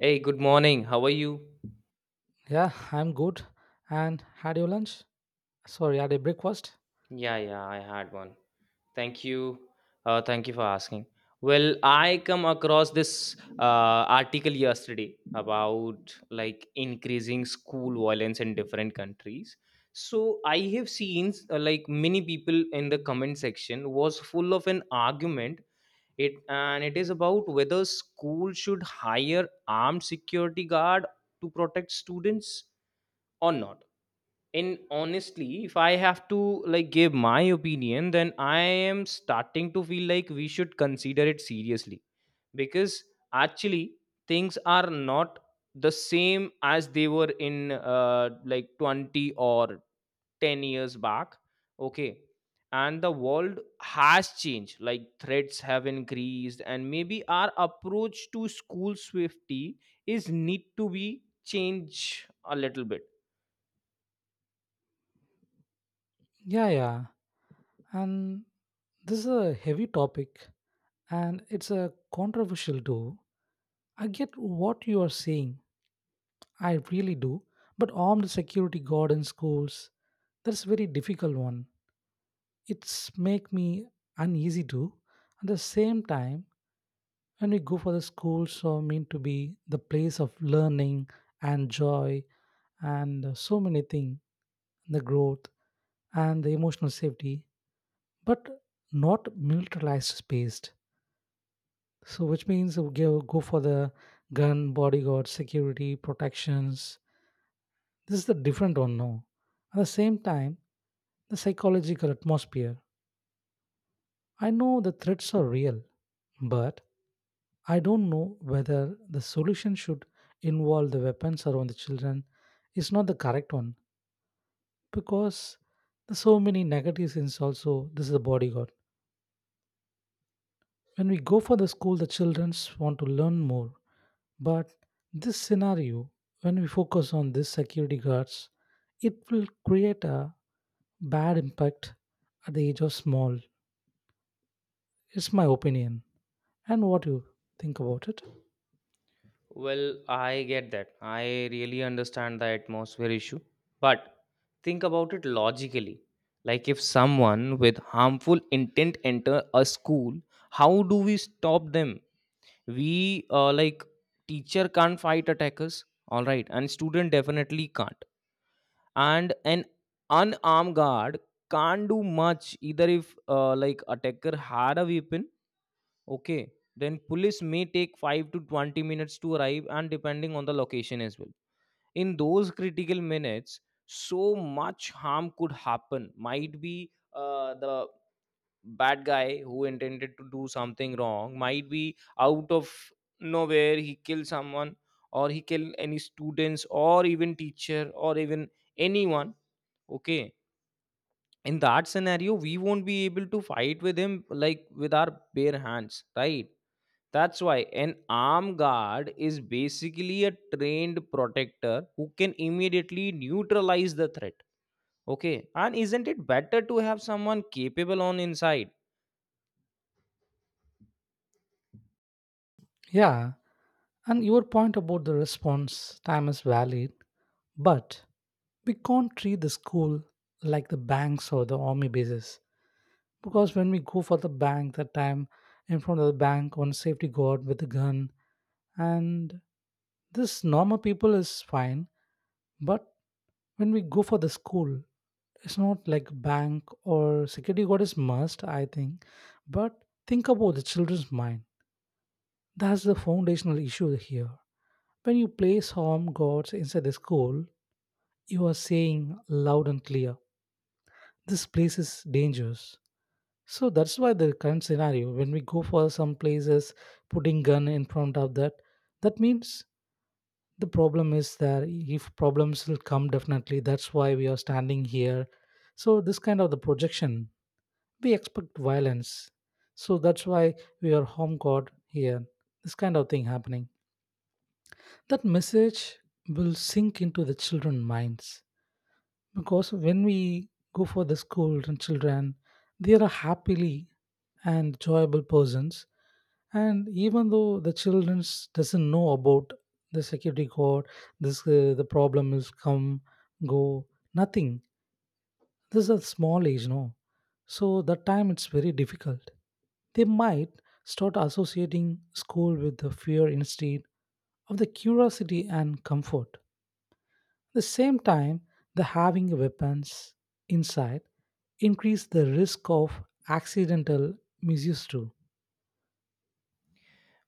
Hey, good morning. How are you? Yeah, I'm good. And had your lunch? Sorry, had a breakfast? Yeah, yeah, I had one. Thank you. Thank you for asking. Well, I come across this article yesterday about like increasing school violence in different countries. So I have seen like many people in the comment section was full of an argument. It is about whether school should hire armed security guard to protect students or not. And honestly, if I have to like give my opinion, then I am starting to feel like we should consider it seriously. Because actually things are not the same as they were in like 20 or 10 years back. Okay, and the world has changed. Like threats have increased and maybe our approach to school safety is need to be changed a little bit. Yeah, yeah. And this is a heavy topic and it's a controversial too. I get what you are saying. I really do. But armed security guard in schools, that's very difficult one. It's make me uneasy too. At the same time, when we go for the schools are meant to be the place of learning and joy and so many things, the growth and the emotional safety, but not militarized space. So which means we go, go for the gun, bodyguard, security, protections. This is the different one now. At the same time, the psychological atmosphere. I know the threats are real, but I don't know whether the solution should involve the weapons around the children is not the correct one because there's so many negatives in also this is a bodyguard. When we go for the school, the children want to learn more. But this scenario, when we focus on this security guards, it will create a bad impact at the age of small. It's my opinion. And what you think about it? Well, I get that. I really understand the atmosphere issue. But think about it logically. Like if someone with harmful intent enter a school, how do we stop them? We like teacher can't fight attackers, all right, and student definitely can't. And an unarmed guard can't do much either if like attacker had a weapon. Okay, then police may take 5 to 20 minutes to arrive and depending on the location as well. In those critical minutes, so much harm could happen. Might be the bad guy who intended to do something wrong, might be out of nowhere he killed someone, or he killed any students or even teacher or even anyone. Okay, in that scenario we won't be able to fight with him like with our bare hands, right? That's why an armed guard is basically a trained protector who can immediately neutralize the threat. Okay, and isn't it better to have someone capable on inside? Yeah, and your point about the response time is valid, but we can't treat the school like the banks or the army bases. Because when we go for the bank that time, in front of the bank, one safety guard with a gun, and this normal people is fine. But when we go for the school, it's not like bank or security guard is must, I think. But think about the children's mind. That's the foundational issue here. When you place home guards inside the school, you are saying loud and clear, this place is dangerous. So that's why the current scenario, when we go for some places, putting gun in front of that, that means the problem is there. If problems will come, definitely, that's why we are standing here. So this kind of the projection, we expect violence. So that's why we are home guard here. This kind of thing happening. That message will sink into the children's minds because when we go for the school and children they are happily and joyable persons and even though the children doesn't know about the security guard this the problem is come go nothing this is a small age no so that time it's very difficult they might start associating school with the fear instead of the curiosity and comfort the same time, the having weapons inside increase the risk of accidental misuse too.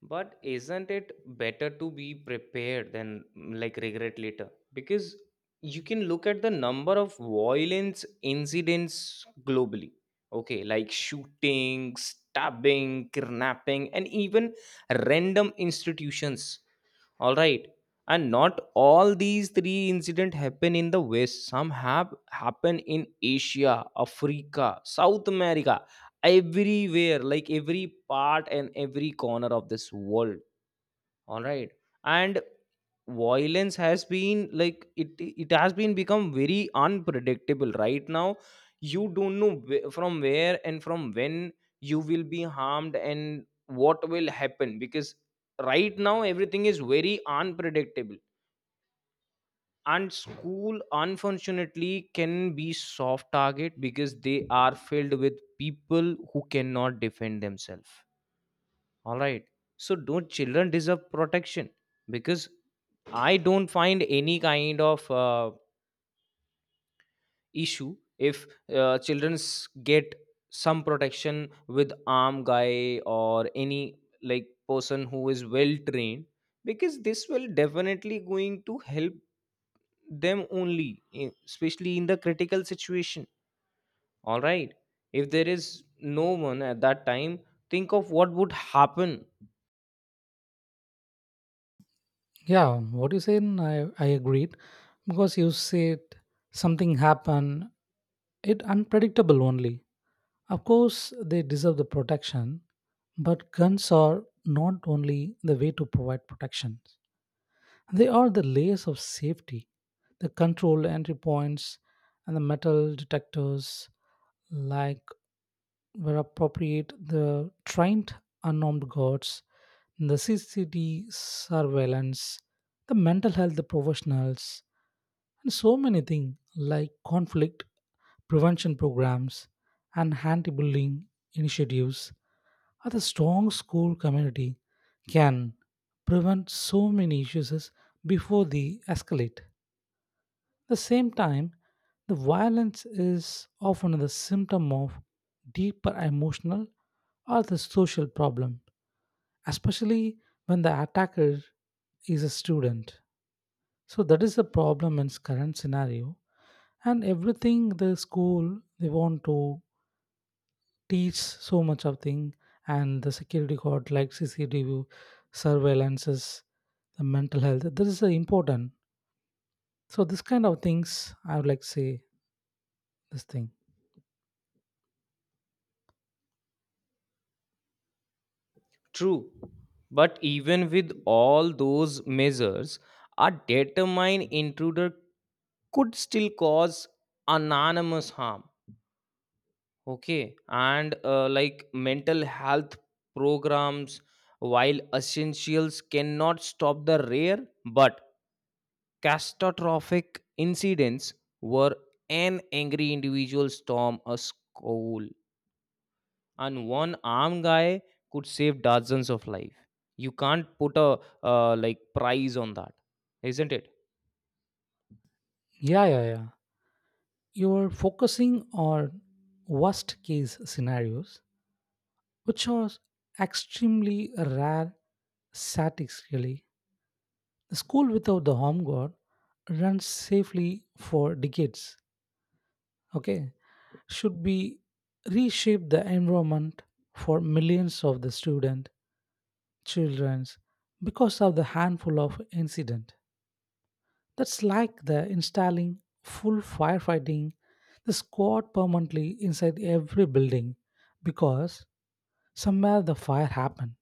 But isn't it better to be prepared than like regret later? Because you can look at the number of violence incidents globally. Okay, like shooting, stabbing, kidnapping, and even random institutions, all right? And not all these three incidents happen in the west. Some have happen in Asia, Africa, South America, everywhere, like every part and every corner of this world, all right? And violence has been like it has been become very unpredictable right now. You don't know from where and from when you will be harmed and what will happen, because right now everything is very unpredictable. And school unfortunately can be soft target because they are filled with people who cannot defend themselves, all right. So don't children deserve protection? Because I don't find any kind of issue if children get some protection with arm guy or any like person who is well trained, because this will definitely going to help them only especially in the critical situation, all right? If there is no one at that time, think of what would happen. Yeah, what you said, I agreed because you said something happened, it unpredictable only. Of course, they deserve the protection, but guns are not only the way to provide protection. They are the layers of safety, the control entry points, and the metal detectors, like were appropriate the trained unarmed guards, the CCTV surveillance, the mental health the professionals, and so many things like conflict prevention programs and anti-bullying initiatives are the strong school community can prevent so many issues before they escalate the same time, the violence is often the symptom of deeper emotional or the social problem, especially when the attacker is a student. So that is the problem in its current scenario. And everything the school they want to teach so much of thing and the security guard like CCTV surveillances, the mental health, this is important. So this kind of things I would like to say this thing. True. But even with all those measures, a determined intruder could still cause anonymous harm. Okay. And like mental health programs, while essentials cannot stop the rare but catastrophic incidents where an angry individual storm a school, and one armed guy could save dozens of life. You can't put a like price on that, isn't it? Yeah, yeah, yeah. You're focusing on worst case scenarios, which are extremely rare statistically. The school without the home guard runs safely for decades. Okay, should be reshape the environment for millions of the student childrens because of the handful of incident. That's like the installing full firefighting the squad permanently inside every building because somewhere the fire happened.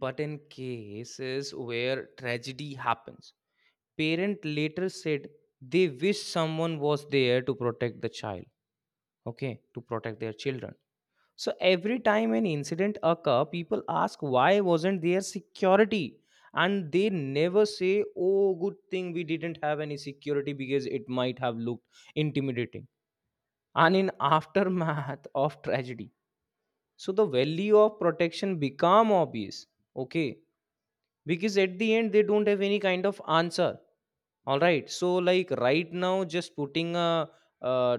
But in cases where tragedy happens, parent later said they wish someone was there to protect the child. Okay, to protect their children. So every time an incident occur, people ask why wasn't there security. And they never say, oh, good thing we didn't have any security because it might have looked intimidating. And in aftermath of tragedy, so the value of protection become obvious. Okay, because at the end they don't have any kind of answer, all right? So like right now just putting a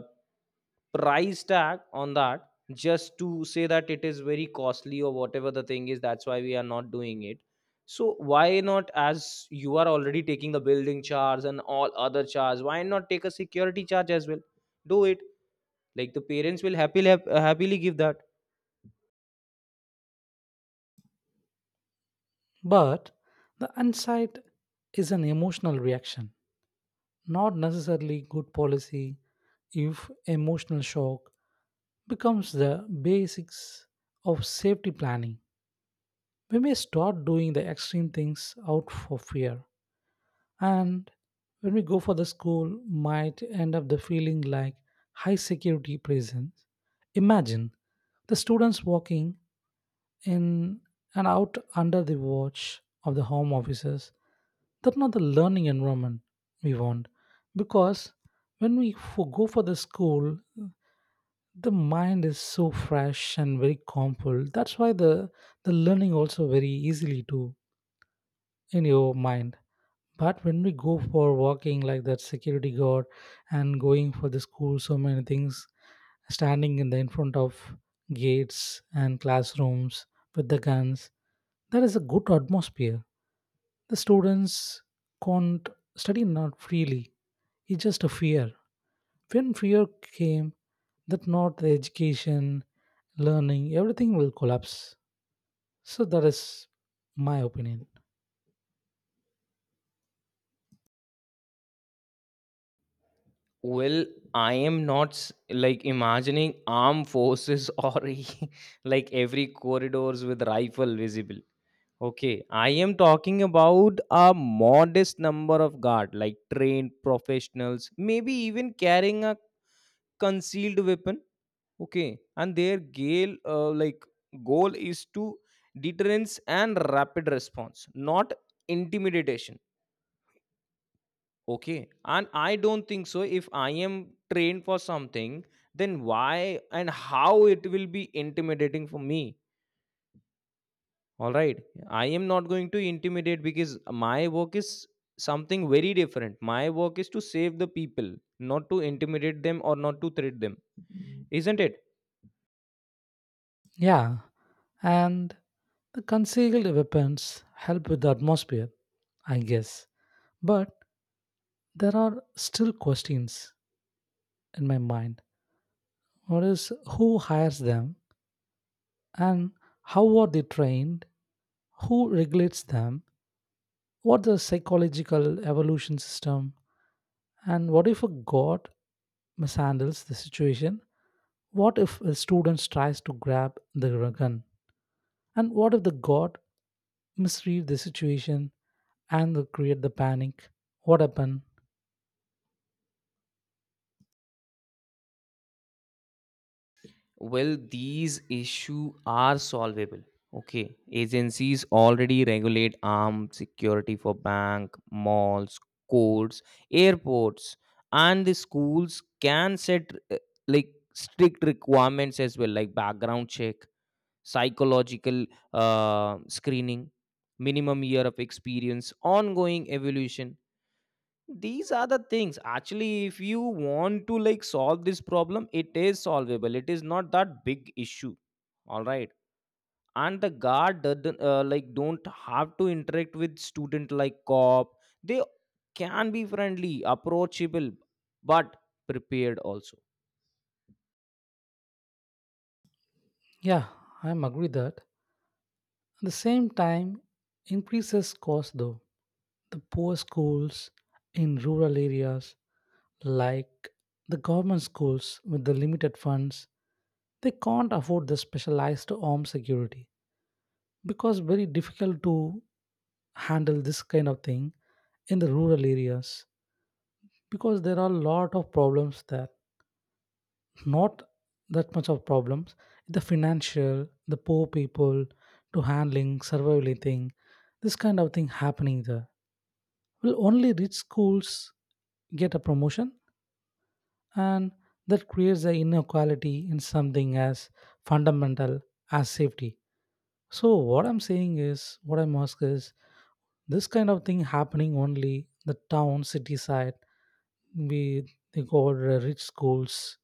price tag on that just to say that it is very costly or whatever the thing is, that's why we are not doing it. So why not, as you are already taking the building charge and all other charge, why not take a security charge as well? Do it, like the parents will happily give that. But the insight is an emotional reaction, not necessarily good policy if emotional shock becomes the basics of safety planning. We may start doing the extreme things out for fear. And when we go for the school, might end up the feeling like high security prisons. Imagine the students walking in and out under the watch of the home officers. That's not the learning environment we want. Because when we go for the school, the mind is so fresh and very calmful. That's why the learning also very easily too in your mind. But when we go for walking like that security guard and going for the school, so many things standing in the in front of gates and classrooms with the guns, that is a good atmosphere. The students can't study not freely. It's just a fear. When fear came, that not the education, learning, everything will collapse. So that is my opinion. Well, I am not like imagining armed forces or like every corridors with rifle visible. Okay, I am talking about a modest number of guard, like trained professionals, maybe even carrying a concealed weapon. Okay, and their gale like goal is to deterrence and rapid response, not intimidation. Okay. And I don't think so. If I am trained for something, then why and how it will be intimidating for me? All right. I am not going to intimidate because my work is something very different. My work is to save the people, not to intimidate them or not to threat them. Isn't it? Yeah, and the concealed weapons help with the atmosphere, I guess. But there are still questions in my mind. What is who hires them and how are they trained? Who regulates them? What the psychological evolution system? And what if a god mishandles the situation? What if a student tries to grab the gun? And what if the god misread the situation and they create the panic. What happened? Well, these issues are solvable. Okay, agencies already regulate armed security for bank, malls, courts, airports, and the schools can set like strict requirements as well, like background check, psychological screening, minimum year of experience, ongoing evolution. These are the things actually. If you want to like solve this problem, it is solvable, it is not that big issue, all right? And the guard doesn't, like don't have to interact with student like cop. They can be friendly, approachable, but prepared also. Yeah, I'm agree that. At the same time, increases cost though. The poor schools in rural areas, like the government schools with the limited funds, they can't afford the specialized armed security because very difficult to handle this kind of thing in the rural areas because there are a lot of problems there not that much of problems the financial the poor people to handling surviving this kind of thing happening there will only rich schools get a promotion and that creates the inequality in something as fundamental as safety so what I'm saying is, what I'm ask is, this kind of thing happening only the town city side. We They go over rich schools.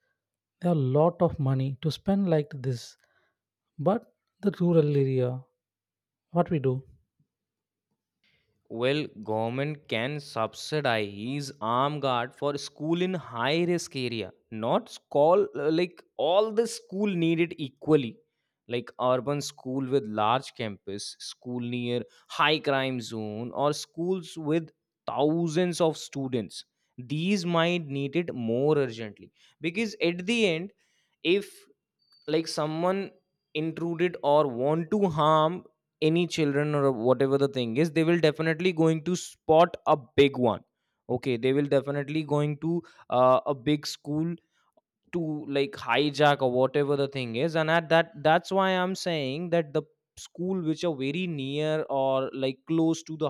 There are a lot of money to spend like this. But the rural area, what we do. Well, government can subsidize armed guard for school in high risk area. Not call like all the school needed equally. Like urban school with large campus, school near high crime zone, or schools with thousands of students. These might need it more urgently. Because at the end, if like someone intruded or want to harm any children or whatever the thing is, they will definitely going to spot a big one. Okay, they will definitely going to a big school to like hijack or whatever the thing is. And at that,'s why I'm saying that the school which are very near or like close to the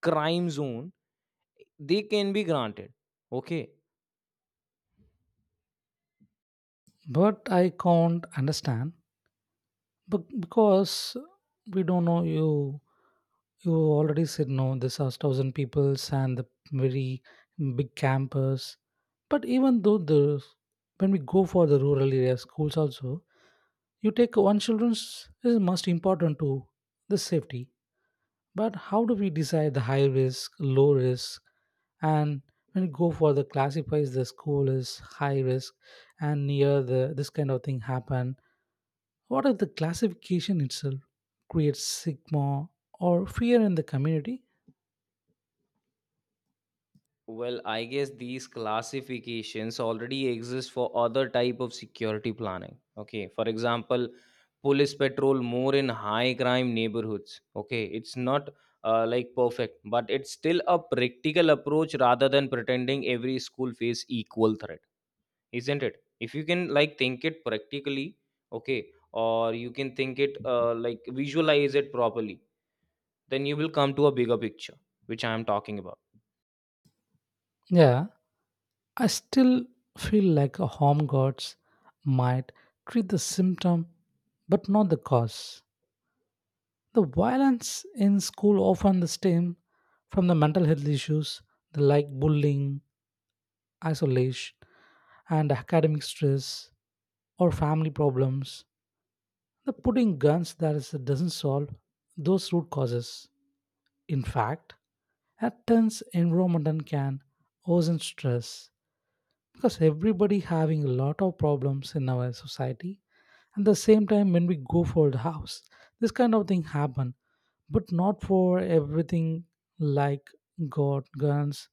crime zone, they can be granted, okay. But I can't understand. But because we don't know you, you already said no. This has thousand peoples and the very big campus. But even though the when we go for the rural area schools also, you take one children's is most important to the safety. But how do we decide the high risk, low risk, and when you go for the classifies the school is high risk and near the this kind of thing happen what if the classification itself creates stigma or fear in the community? Well, I guess these classifications already exist for other type of security planning. Okay, for example, police patrol more in high crime neighborhoods. Okay, it's not like perfect, but it's still a practical approach rather than pretending every school face equal threat, isn't it? If you can like think it practically, okay, or you can think it like visualize it properly, then you will come to a bigger picture, which I am talking about. Yeah, I still feel like a home guards might treat the symptom but not the cause. The violence in school often stems from the mental health issues the like bullying, isolation, and academic stress or family problems. The putting guns that is, doesn't solve those root causes. In fact, at times in Ramadan can worsen stress because everybody having a lot of problems in our society. At the same time when we go for the house, this kind of thing happen, but not for everything like God guns.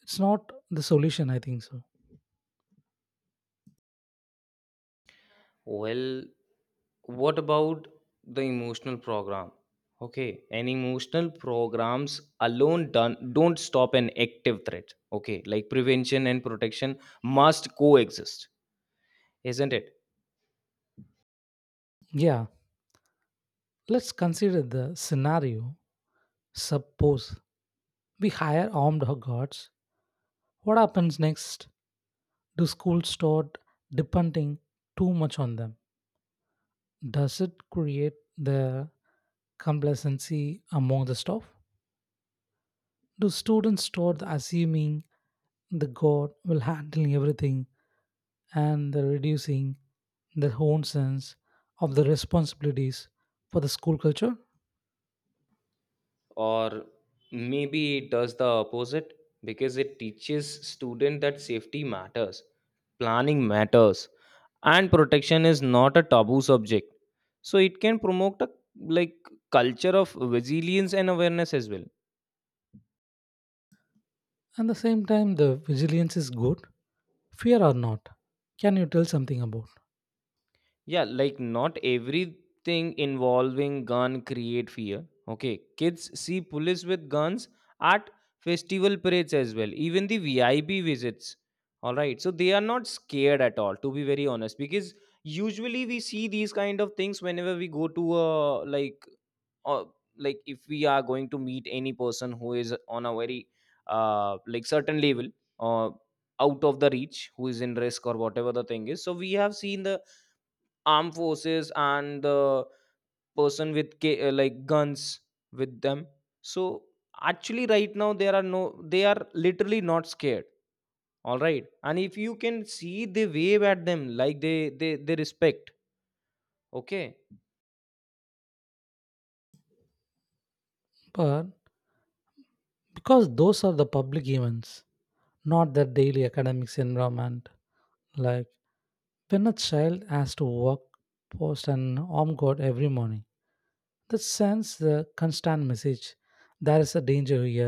It's not the solution, I think so. Well, what about the emotional program? Okay, an emotional programs alone done don't stop an active threat. Okay, like prevention and protection must coexist, isn't it? Yeah, let's consider the scenario. Suppose we hire armed guards. What happens next? Do schools start depending too much on them? Does it create the complacency among the staff? Do students start assuming the God will handle everything and the reducing their own sense of the responsibilities for the school culture? Or maybe it does the opposite because it teaches student that safety matters, planning matters, and protection is not a taboo subject. So it can promote a like culture of resilience and awareness as well. At the same time, the vigilance is good, fear or not. Can you tell something about? Yeah, like not everything involving gun create fear. Okay, kids see police with guns at festival parades as well, even the VIP visits, all right? So they are not scared at all, to be very honest. Because usually we see these kind of things whenever we go to a like uh, like if we are going to meet any person who is on a very like certain level, or out of the reach, who is in risk or whatever the thing is. So we have seen the armed forces and the person with like guns with them. So actually right now there are no, they are literally not scared, all right? And if you can see, they wave at them, like they respect, okay. But because those are the public events, not their daily academics environment. Like when a child has to work post an armed guard every morning, that sends the constant message. There is a danger here.